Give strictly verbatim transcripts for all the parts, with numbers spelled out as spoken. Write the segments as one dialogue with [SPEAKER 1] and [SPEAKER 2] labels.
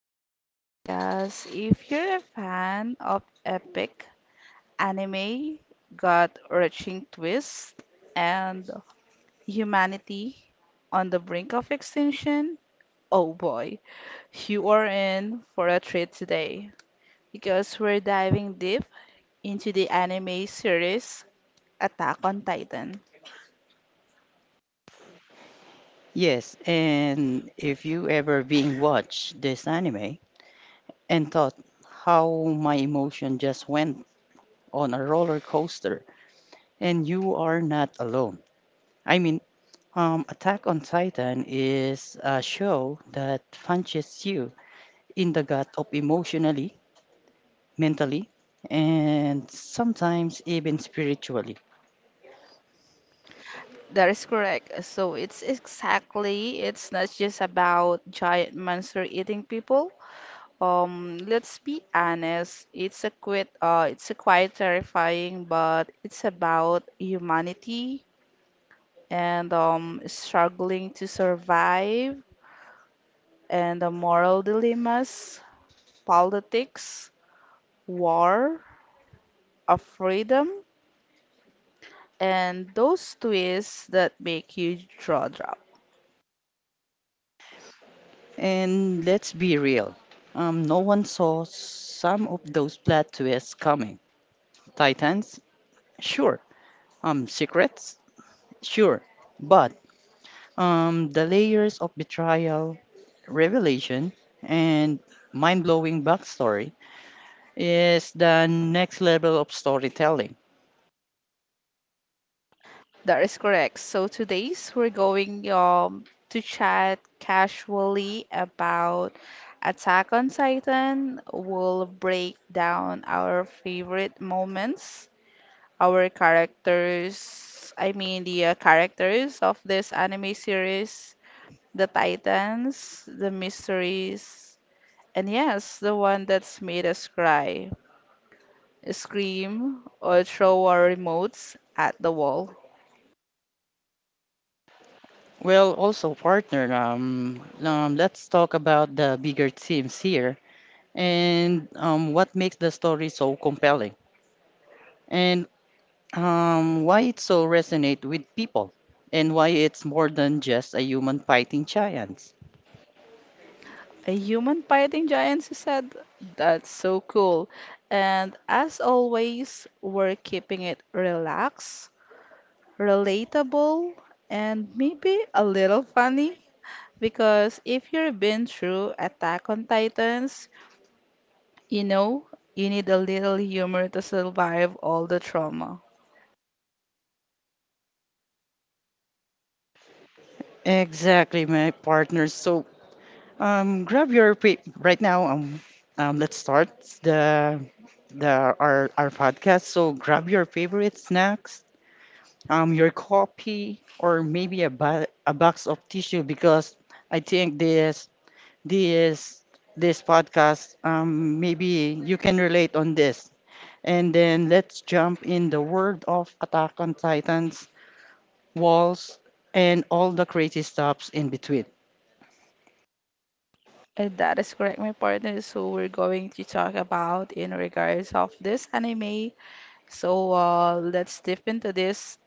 [SPEAKER 1] back to the podcast. If you're a fan of epic anime, gut wrenching twists, and humanity on the brink of extinction, oh boy, you are in for a treat today because we're diving deep into the anime series Attack on Titan.
[SPEAKER 2] Yes, and if you ever being watched this anime and thought how my emotion just went on a roller coaster, and you are not alone. I mean, um, Attack on Titan is a show that punches you in the gut of emotionally, mentally, and sometimes even spiritually.
[SPEAKER 1] That is correct. So it's exactly, it's not just about giant monster eating people Um, Let's be honest, it's a quite, uh, it's a quite terrifying, but it's about humanity and um, struggling to survive, and the moral dilemmas, politics, war, of freedom, and those twists that make you jaw drop.
[SPEAKER 2] And let's be real, um, no one saw some of those plot twists coming. Titans, sure. Um, secrets? Sure, but um, the layers of betrayal, revelation, and mind-blowing backstory is the next level of storytelling.
[SPEAKER 1] That is correct. So today's we're going um to chat casually about Attack on Titan. We'll break down our favorite moments, our characters, I mean the uh, characters of this anime series, the Titans, the mysteries, and yes, the one that's made us cry, scream, or throw our remotes at the wall.
[SPEAKER 2] Well, also partner, um, um, let's talk about the bigger themes here and um, what makes the story so compelling and um, why it so resonate with people and why it's more than just a human fighting giants.
[SPEAKER 1] A human fighting giants, you said? That's so cool. And as always, we're keeping it relaxed, relatable, and maybe a little funny. Because if you've been through Attack on Titans, you know you need a little humor to survive all the trauma.
[SPEAKER 2] Exactly, my partner. So Um, grab your pa- right now. Um, um, let's start the the our our podcast. So grab your favorite snacks, um, your coffee, or maybe a ba a box of tissue because I think this this this podcast um maybe you can relate on this. And then let's jump in the world of Attack on Titans, Walls, and all the crazy stuffs in between.
[SPEAKER 1] And that is correct, my partner. So we're going to talk about in regards of this anime. So uh, let's dip into this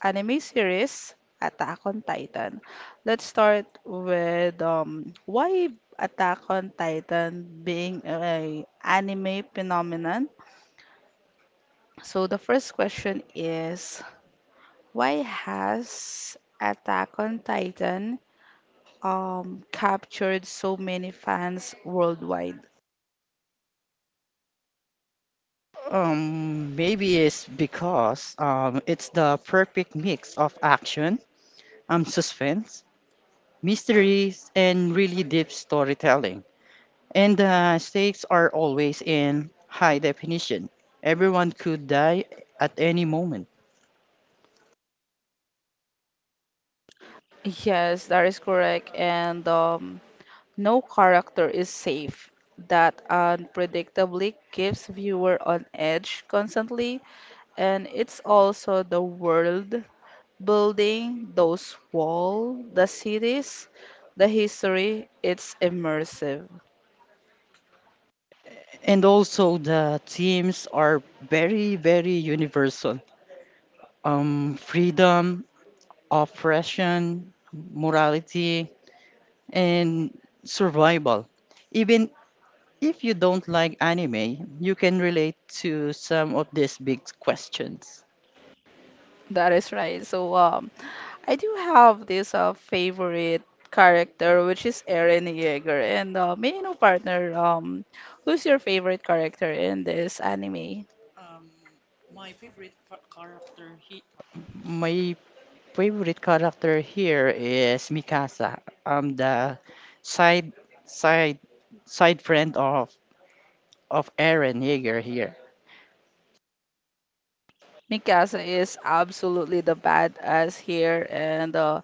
[SPEAKER 1] anime series, Attack on Titan. Let's start with um, why Attack on Titan being a anime phenomenon. So the first question is why has Attack on Titan um, captured so many fans worldwide?
[SPEAKER 2] Um, maybe it's because um, it's the perfect mix of action, um, suspense, mysteries, and really deep storytelling. And the stakes are always in high definition. Everyone could die at any moment.
[SPEAKER 1] Yes, that is correct. And um, no character is safe. That unpredictably keeps viewer on edge constantly, and it's also the world building, those walls, the cities, the history. It's immersive.
[SPEAKER 2] And also the themes are very, very universal. Um, freedom, oppression, morality, and survival even. If you don't like anime, you can relate to some of these big questions.
[SPEAKER 1] That is right. So, um, I do have this uh, favorite character, which is Eren Yeager. And uh, may I know, partner, um, who's your favorite character in this anime?
[SPEAKER 2] My favorite character here is Mikasa, um, the side side side friend of of Eren Yeager here.
[SPEAKER 1] Mikasa is absolutely the badass here, and uh,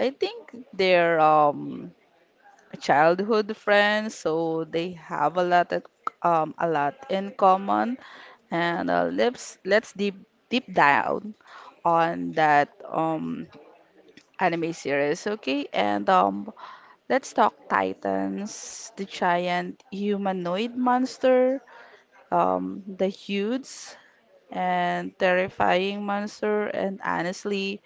[SPEAKER 1] I think they're um childhood friends, so they have a lot at, um a lot in common. And uh, let's let's deep deep down on that um anime series, okay? And um, let's talk Titans, the giant humanoid monster, um, the huge and terrifying monster, and honestly,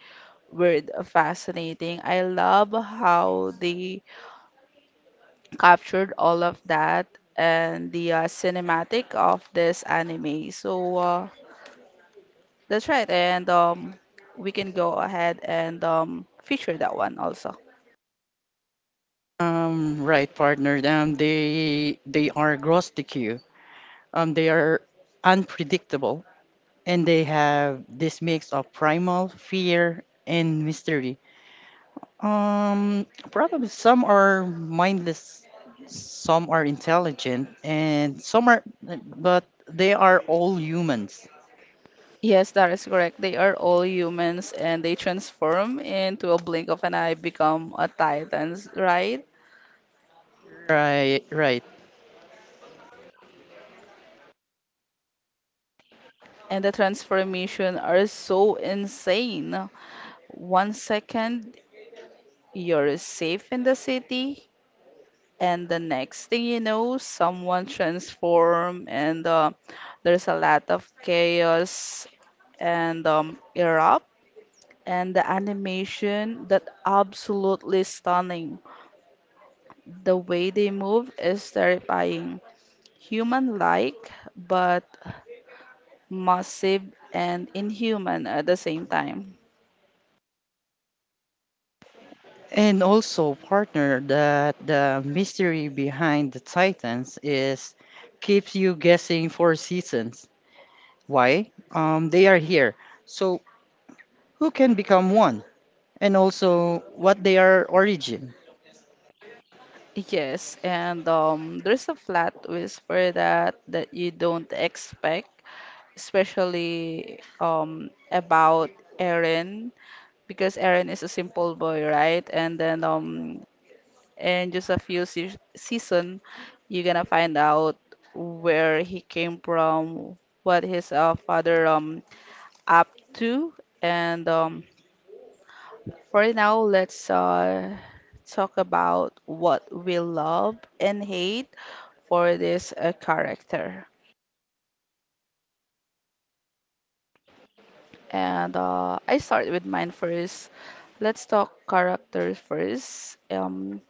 [SPEAKER 1] weird, fascinating. I love how they captured all of that and the uh, cinematic of this anime. So uh, that's right, and um, we can go ahead and um, feature that one also.
[SPEAKER 2] Um, right, partner. Um, they they are gross D Q. Um, they are unpredictable, and they have this mix of primal fear and mystery. Um, Probably some are mindless, some are intelligent, and some are, but they are all humans.
[SPEAKER 1] Yes, that is correct. They are all humans and they transform into a blink of an eye, become a titans, right?
[SPEAKER 2] Right, right.
[SPEAKER 1] And the transformation are so insane. One second you're safe in the city, and the next thing you know, someone transform and uh, there's a lot of chaos and um, erupt. And the animation that absolutely stunning. The way they move is terrifying. Human like, but massive and inhuman at the same time.
[SPEAKER 2] And also, partner, that the mystery behind the Titans is keeps you guessing for seasons. Why? Um, they are here. So who can become one? And also, what they are origin?
[SPEAKER 1] Yes, and um, there's a flat whisper that that you don't expect, especially um, about Aaron, because Aaron is a simple boy, right? And then um, in just a few se season, you're gonna find out where he came from, what his uh, father um up to, and um, for now, let's uh, talk about what we love and hate for this uh, character. And uh, I start with mine first. Let's talk characters first. Um,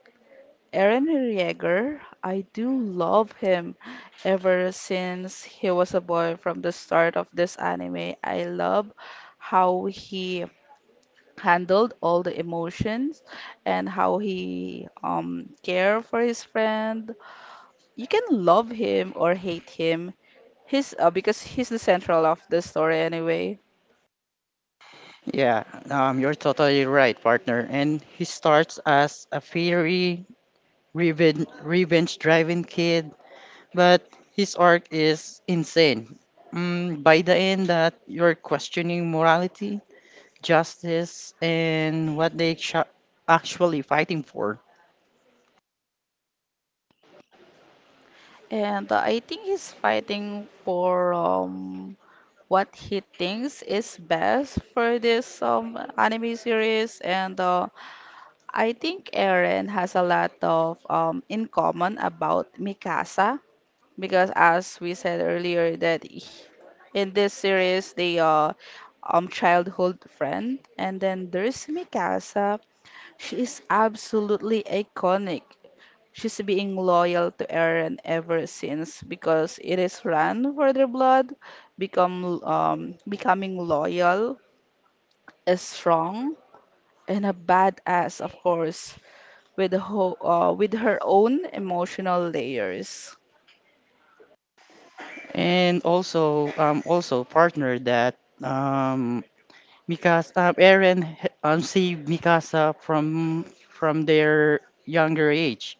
[SPEAKER 1] Eren Yeager, I do love him. Ever since he was a boy from the start of this anime, I love how he handled all the emotions and how he um care for his friend. You can love him or hate him. He's uh, because he's the central of the story anyway.
[SPEAKER 2] Yeah, um, you're totally right, partner. And he starts as a fiery, revenge, revenge-driven kid, but his arc is insane. Mm, by the end, that you're questioning morality, justice, and what they ch- actually fighting for.
[SPEAKER 1] And uh, I think he's fighting for um what he thinks is best for this um anime series, and uh, I think Eren has a lot of um in common about Mikasa because as we said earlier that he- in this series they uh um childhood friend, and then there's Mikasa. She is absolutely iconic. She's being loyal to Eren ever since because it is run for their blood, become um, becoming loyal, is strong, and a badass, of course, with ho uh, with her own emotional layers.
[SPEAKER 2] And also, um, also partner that um, because uh, Eren h- um, saved Mikasa from from their younger age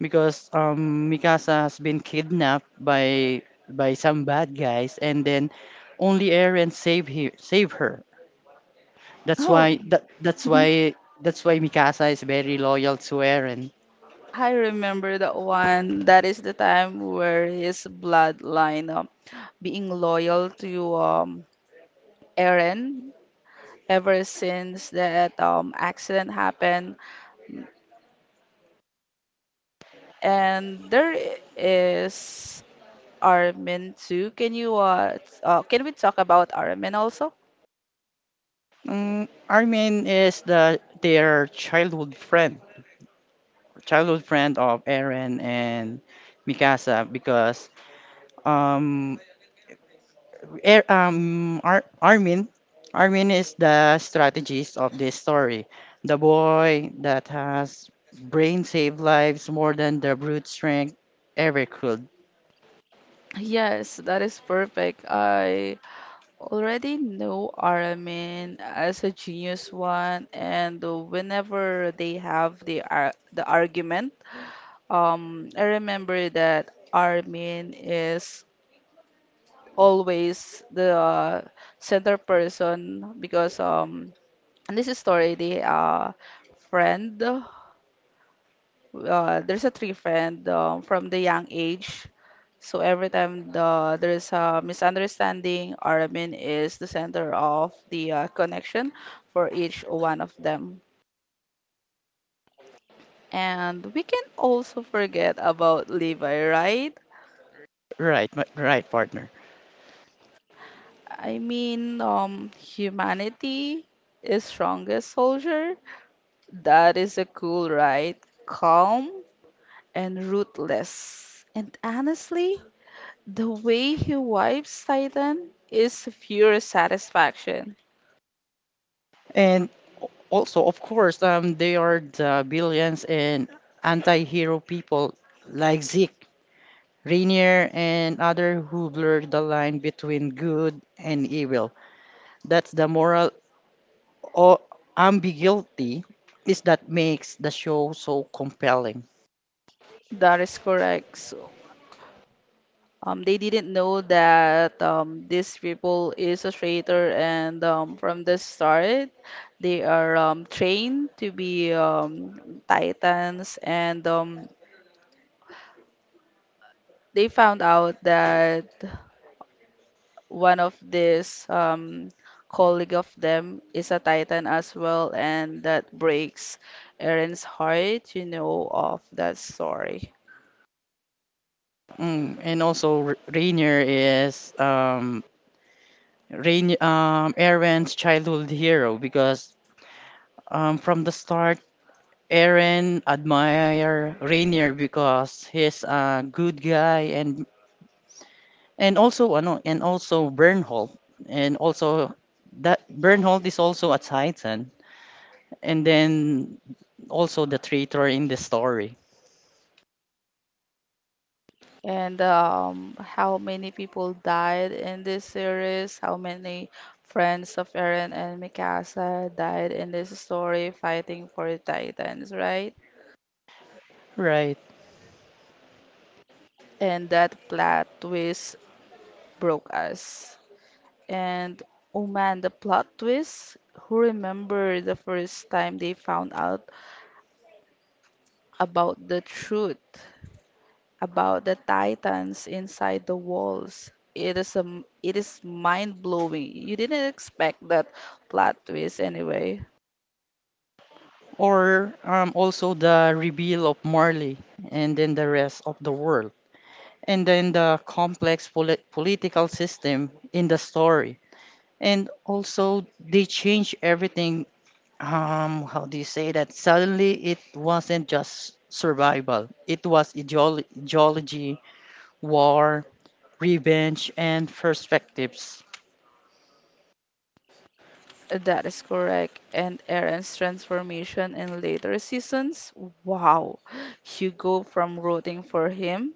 [SPEAKER 2] because um, Mikasa has been kidnapped by by some bad guys, and then only Eren save he save her. That's
[SPEAKER 1] Oh,
[SPEAKER 2] why that that's why that's why Mikasa is very loyal to Eren.
[SPEAKER 1] I remember that one. That is the time where his bloodline, um, being loyal to um, Eren ever since that um accident happened. And there i- is Armin too. Can you uh, t- uh can we talk about Armin also?
[SPEAKER 2] Um, Armin is the their childhood friend, childhood friend of Eren and Mikasa because um Er, um, Ar Armin. Armin is the strategist of this story. The boy that has brain saved lives more than the brute strength ever could.
[SPEAKER 1] Yes, that is perfect. I already know Aramin as a genius one, and whenever they have the ar the argument, um, I remember that Armin is always the uh, center person because um and this is story the uh, friend. Uh, there's a three friend um, from the young age. So every time the there is a misunderstanding, Aramin is the center of the uh, connection for each one of them. And we can also forget about Levi, right?
[SPEAKER 2] Right, ma- right, partner.
[SPEAKER 1] I mean, um, humanity is strongest soldier. That is a cool, right? Calm and ruthless. And honestly, the way he wipes Titan is pure satisfaction.
[SPEAKER 2] And al- also, of course, um, they are the billions and anti-hero people like Zeke, Rainier, and other who blur the line between good and evil. That's the moral or ambiguity is that makes the show so compelling.
[SPEAKER 1] That is correct. So, um, they didn't know that um, these people is a traitor, and um, from the start, they are um, trained to be um, Titans, and um, they found out that one of this um, colleague of them is a Titan as well, and that breaks Eren's heart, you know, of that story.
[SPEAKER 2] Mm, and also, R- Rainier is um, Rain um, Aaron's childhood hero because um, from the start, Aaron admire Rainier because he's a good guy and and also ano, and also Bernhold and also that Bernhold is also a Titan and then also the traitor in the story.
[SPEAKER 1] And um, how many people died in this series? How many friends of Eren and Mikasa died in this story fighting for the Titans, right?
[SPEAKER 2] Right.
[SPEAKER 1] And that plot twist broke us. And oh man, the plot twist. Who remember the first time they found out about the truth about the titans inside the walls? It is a m- it is mind blowing. You didn't expect that plot twist anyway.
[SPEAKER 2] Or um, also the reveal of Marley and then the rest of the world, and then the complex poli- political system in the story. And also, they change everything. Um, how do you say that? Suddenly, it wasn't just survival, it was ideolo- ideology, war, revenge, and perspectives.
[SPEAKER 1] That is correct. And Aaron's transformation in later seasons. Wow. You go from rooting for him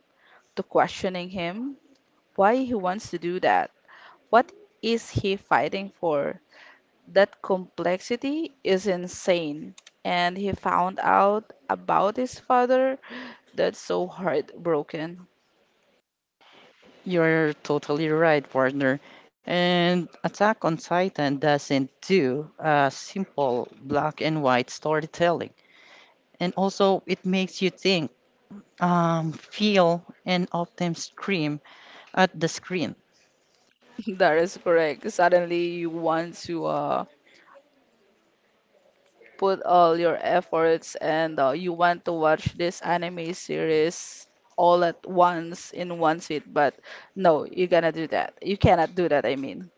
[SPEAKER 1] to questioning him. Why he wants to do that. What is he fighting for? That complexity is insane. And he found out about his father. That's so heartbroken.
[SPEAKER 2] You're totally right, partner. And Attack on Titan doesn't do a simple black and white storytelling. And also, it makes you think, um, feel, and often scream at the screen.
[SPEAKER 1] That is correct. Suddenly you want to uh, put all your efforts and uh, you want to watch this anime series all at once in one sit, but no, you gonna do that. You cannot do that, I mean.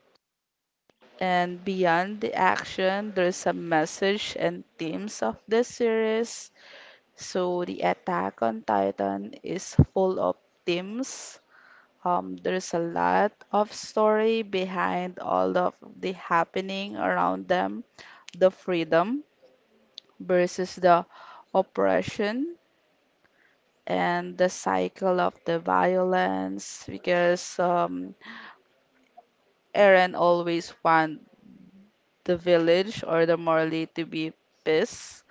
[SPEAKER 1] And beyond the action, there's a message and themes of the series. So the Attack on Titan is full of themes. Um, there's a lot of story behind all of the happening around them, the freedom versus the oppression and the cycle of the violence because um, Eren always want the village or the Morley to be peace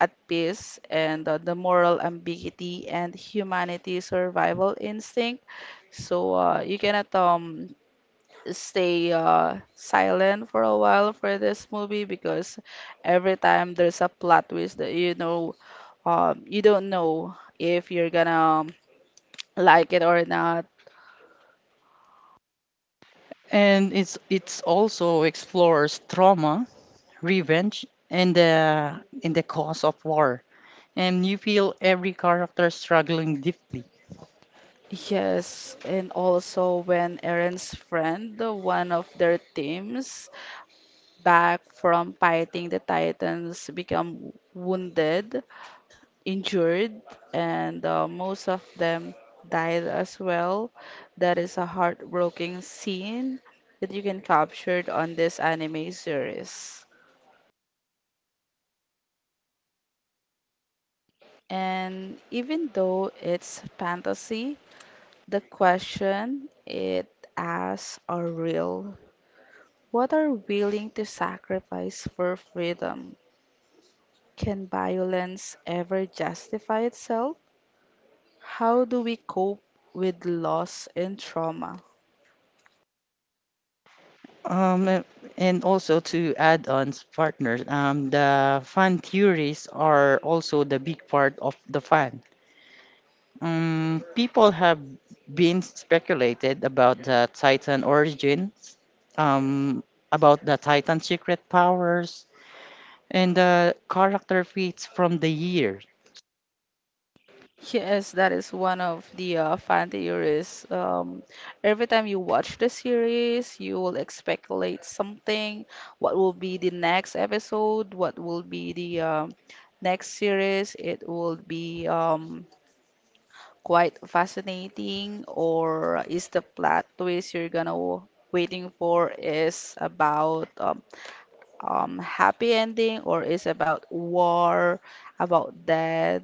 [SPEAKER 1] at peace, and uh, the moral ambiguity and humanity's survival instinct. So uh, you cannot um, stay uh, silent for a while for this movie because every time there's a plot twist that you know um, you don't know if you're gonna um, like it or not.
[SPEAKER 2] And it's it's also explores trauma, revenge, and the in the cause of war. And you feel every character struggling deeply.
[SPEAKER 1] Yes, and also when Aaron's friend, the one of their teams, back from fighting the Titans, become wounded, injured, and uh, most of them died as well. That is a heartbreaking scene that you can capture on this anime series. And even though it's fantasy, the question it asks are real. What are willing to sacrifice for freedom? Can violence ever justify itself? How do we cope with loss and trauma?
[SPEAKER 2] Um, a- and also to add on s- partners, um, the fan theories are also the big part of the fan. Um, people have been speculated about the Titan origins, um, about the Titan secret powers, and the character feats from the year.
[SPEAKER 1] Yes, that is one of the uh, fan theories. Um, every time you watch the series, you will speculate something. What will be the next episode? What will be the um next series? It will be um, quite fascinating. Or is the plot twist you're gonna w- waiting for is about um, um, happy ending, or is about war, about death?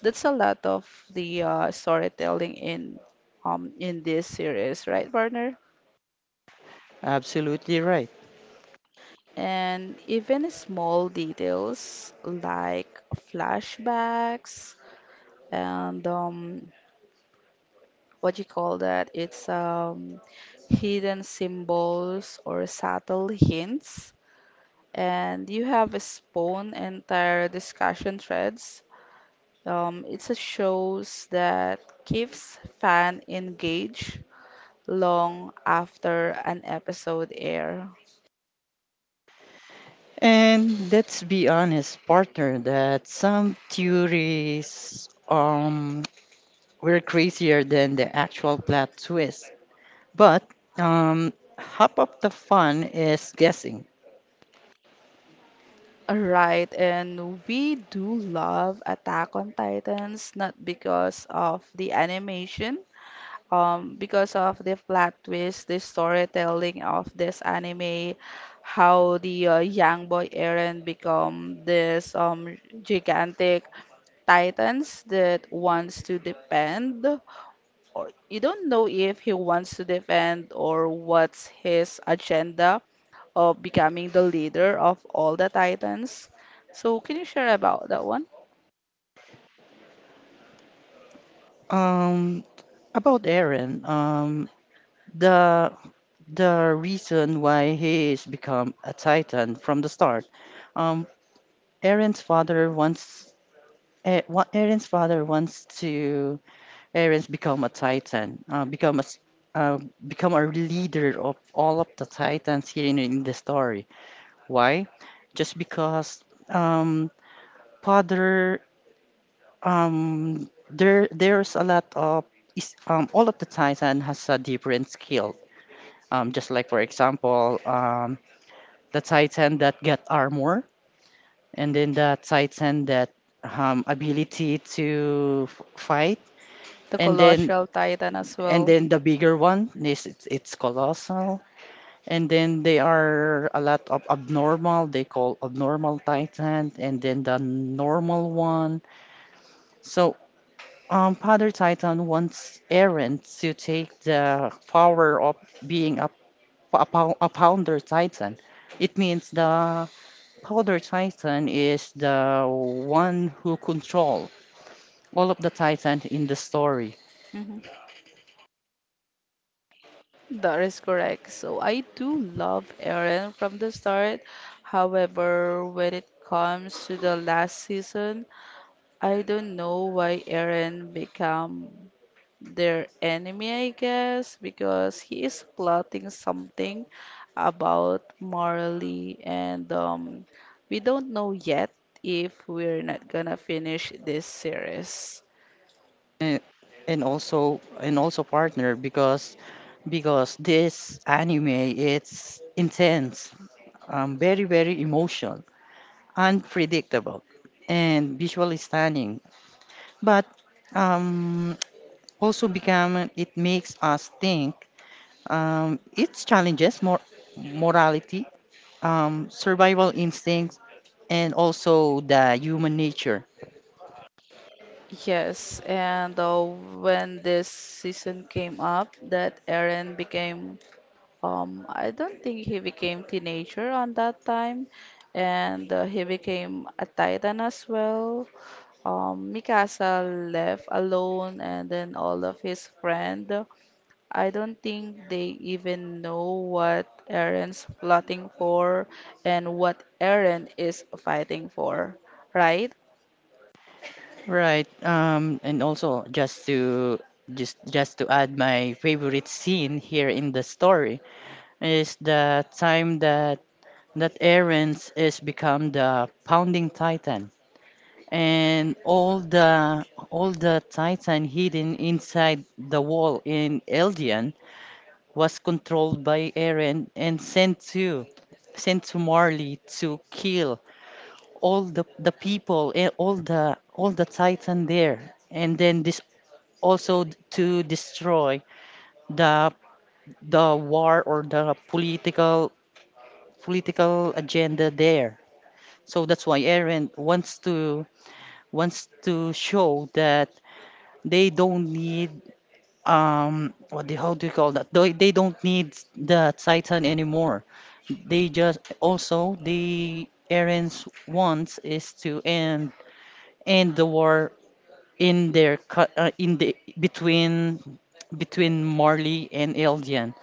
[SPEAKER 1] That's a lot of the uh, storytelling in um in this series, right, partner?
[SPEAKER 2] Absolutely right.
[SPEAKER 1] And even small details like flashbacks and um what you call that? It's um hidden symbols or subtle hints. And you have a spawn entire discussion threads. Um, it's a shows that keeps fan engaged long after an episode air.
[SPEAKER 2] And let's be honest, partner, that some theories um were crazier than the actual plot twist. But um, half of the fun is guessing.
[SPEAKER 1] Alright, and we do love Attack on Titans not because of the animation, um, because of the plot twist, the storytelling of this anime, how the uh, young boy Eren become this um gigantic titans that wants to depend, or you don't know if he wants to defend or what's his agenda of becoming the leader of all the titans. So can you share about that one?
[SPEAKER 2] Um, about Eren, um, the the reason why he is become a Titan from the start. Um, Eren's father wants. E- wa- Eren's father wants to Eren's become a Titan, uh, become a s- uh, become a leader of all of the Titans here in, in the story. Why? Just because um, Father, um, there there's a lot of is um, all of the Titan has a different skill. Um, just like for example, um, the Titan that get armor, and then the Titan that um, ability to f- fight,
[SPEAKER 1] The
[SPEAKER 2] and then
[SPEAKER 1] colossal titan as
[SPEAKER 2] and
[SPEAKER 1] well.
[SPEAKER 2] then the bigger one is it's, it's colossal. And then they are a lot of abnormal, they call abnormal Titan, and then the normal one. So, um, Father Titan wants Eren to take the power of being a, a, pow- a Pounder Titan. It means the Powder Titan is the one who control all of the Titan in the story.
[SPEAKER 1] Mhm. That is correct. So I do love Eren from the start. However, when it comes to the last season, I don't know why Eren become their enemy, I guess, because he is plotting something about Marley, and um, we don't know yet if we're not gonna finish this series.
[SPEAKER 2] And, and also and also partner because because this anime it's intense, um, very, very emotional, unpredictable, and visually stunning. But um, also become it makes us think. Um, it challenges more morality, um, survival instincts, and also the human nature.
[SPEAKER 1] Yes, and uh, when this season came up, that Eren became. Um, I don't think he became teenager on that time, and uh, he became a titan as well. Um, Mikasa left alone, and then all of his friend. I don't think they even know what Eren's plotting for and what Eren is fighting for, right?
[SPEAKER 2] Right. Um, and also just to just just to add my favorite scene here in the story is the time that that Aaron's is become the pounding titan and all the all the titan hidden inside the wall in Eldian was controlled by Aaron and sent to sent to Marley to kill all the the people and all the all the titan there, and then this also to destroy the the war or the political political agenda there. So that's why Aaron wants to wants to show that they don't need um what do, how do you call that? They, they don't need the Titan anymore. They just also the Aaron's wants is to end end the war in their co- uh, in the between between Marley and Eldian.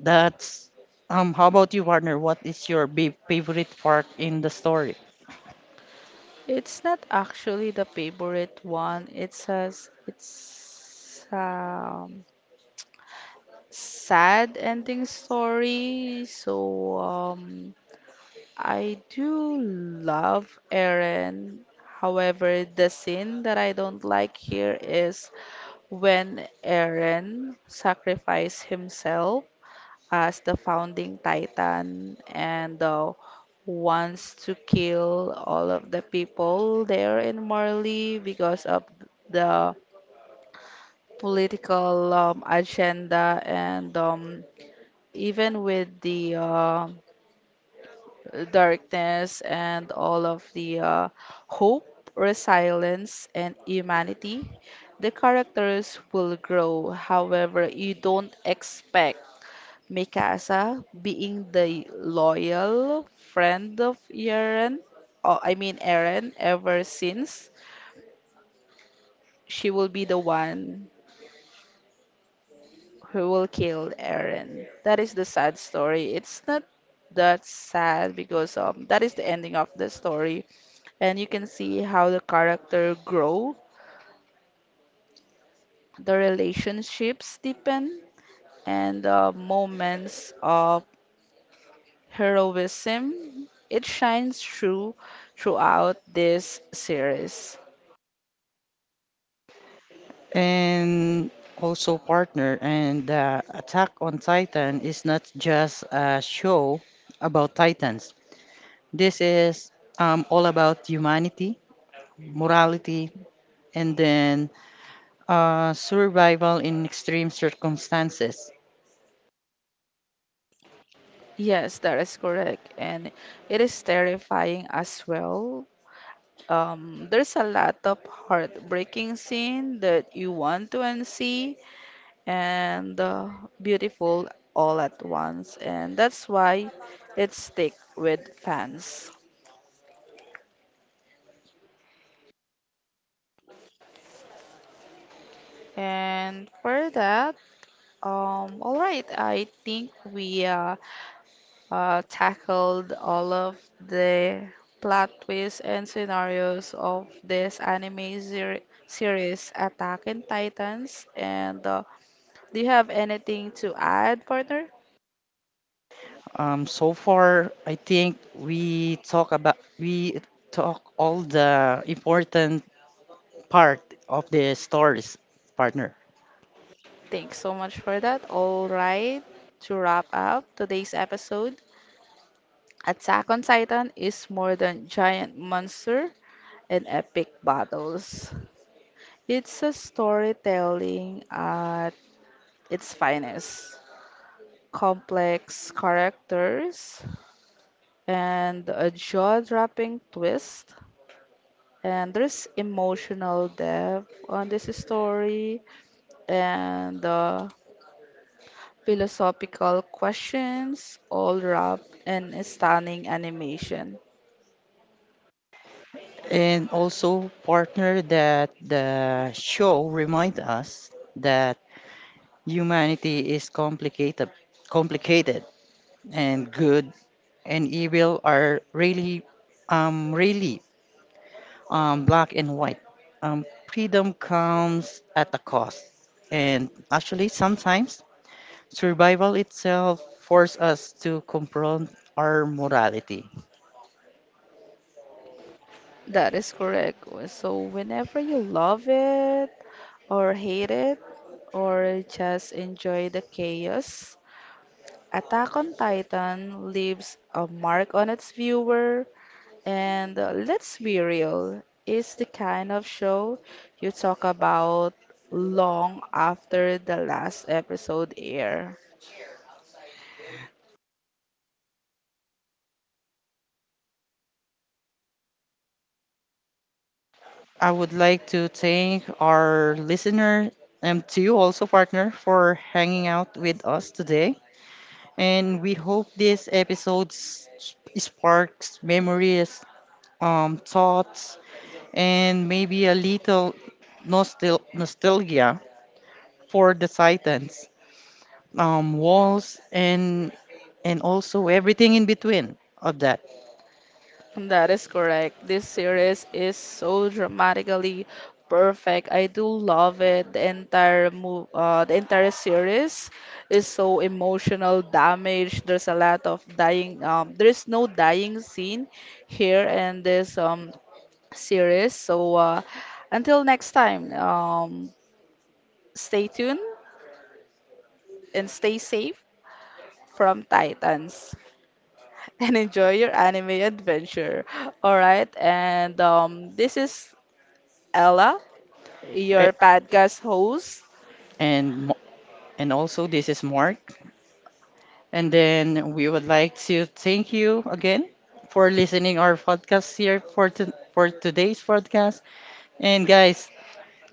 [SPEAKER 2] That's um how about you, partner? What is your ba- favorite part in the story?
[SPEAKER 1] It's not actually the favorite one. It's a, s- it's um sad ending story. So um, I do love Eren. However, the scene that I don't like here is when Eren sacrificed himself as the founding titan and uh, wants to kill all of the people there in Marley because of the political um, agenda, and um, even with the uh, darkness and all of the uh, hope, resilience, and humanity, the characters will grow. However, you don't expect Mikasa being the loyal friend of Eren, or I mean Eren, ever since. She will be the one who will kill Aaron. That is the sad story. It's not that sad because um that is the ending of the story, and you can see how the character grow, the relationships deepen, and the moments of heroism. It shines through throughout this series.
[SPEAKER 2] And also partner, and uh, attack on titan is not just a show about titans. This is um, all about humanity, morality, and then uh, survival in extreme circumstances.
[SPEAKER 1] Yes, that is correct, and it is terrifying as well. Um, there's a lot of heartbreaking scene that you want to and see, and uh, beautiful all at once, and that's why it stick with fans. And for that um all right I think we uh, uh tackled all of the plot twists and scenarios of this anime ser- series Attack on Titans, and uh, do you have anything to add, partner?
[SPEAKER 2] um, so far I think we talk about we talk all the important part of the stories, partner.
[SPEAKER 1] Thanks so much for that. All right, to wrap up today's episode, Attack on Titan is more than giant monster and epic battles. It's a storytelling at its finest. Complex characters and a jaw-dropping twist. And there's emotional depth on this story and uh, philosophical questions all wrapped in a stunning animation.
[SPEAKER 2] And also, partner, that the show remind us that humanity is complicated, complicated, and good and evil are really, um, really, um, black and white. Um, Freedom comes at a cost, and actually, sometimes survival itself forces us to confront our morality.
[SPEAKER 1] That is correct. So whenever you love it or hate it or just enjoy the chaos, Attack on Titan leaves a mark on its viewer, and uh, let's be real, it's the kind of show you talk about long after the last episode air.
[SPEAKER 2] I would like to thank our listener and to you also, partner, for hanging out with us today. And we hope this episode s- sparks memories, um, thoughts, and maybe a little nostal nostalgia for the Titans, um, walls, and and also everything in between of that.
[SPEAKER 1] That is correct. This series is so dramatically perfect. I do love it. The entire move, uh, the entire series is so emotional damage. There's a lot of dying. Um, there is no dying scene here in this um series. So uh, until next time, um, stay tuned and stay safe from Titans and enjoy your anime adventure. All right, and um, this is Ella,
[SPEAKER 2] A-
[SPEAKER 1] your podcast host.
[SPEAKER 2] And Mo- and also this is Mark. And then we would like to thank you again for listening our podcast here for to, for today's podcast. And guys,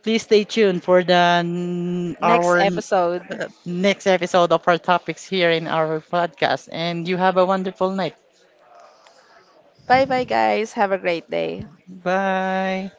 [SPEAKER 2] please stay tuned for the n-
[SPEAKER 1] Next
[SPEAKER 2] our
[SPEAKER 1] episode.
[SPEAKER 2] uh, next episode of our topics here in our podcast. And you have a wonderful night.
[SPEAKER 1] Bye bye, guys. Have a great day.
[SPEAKER 2] Bye.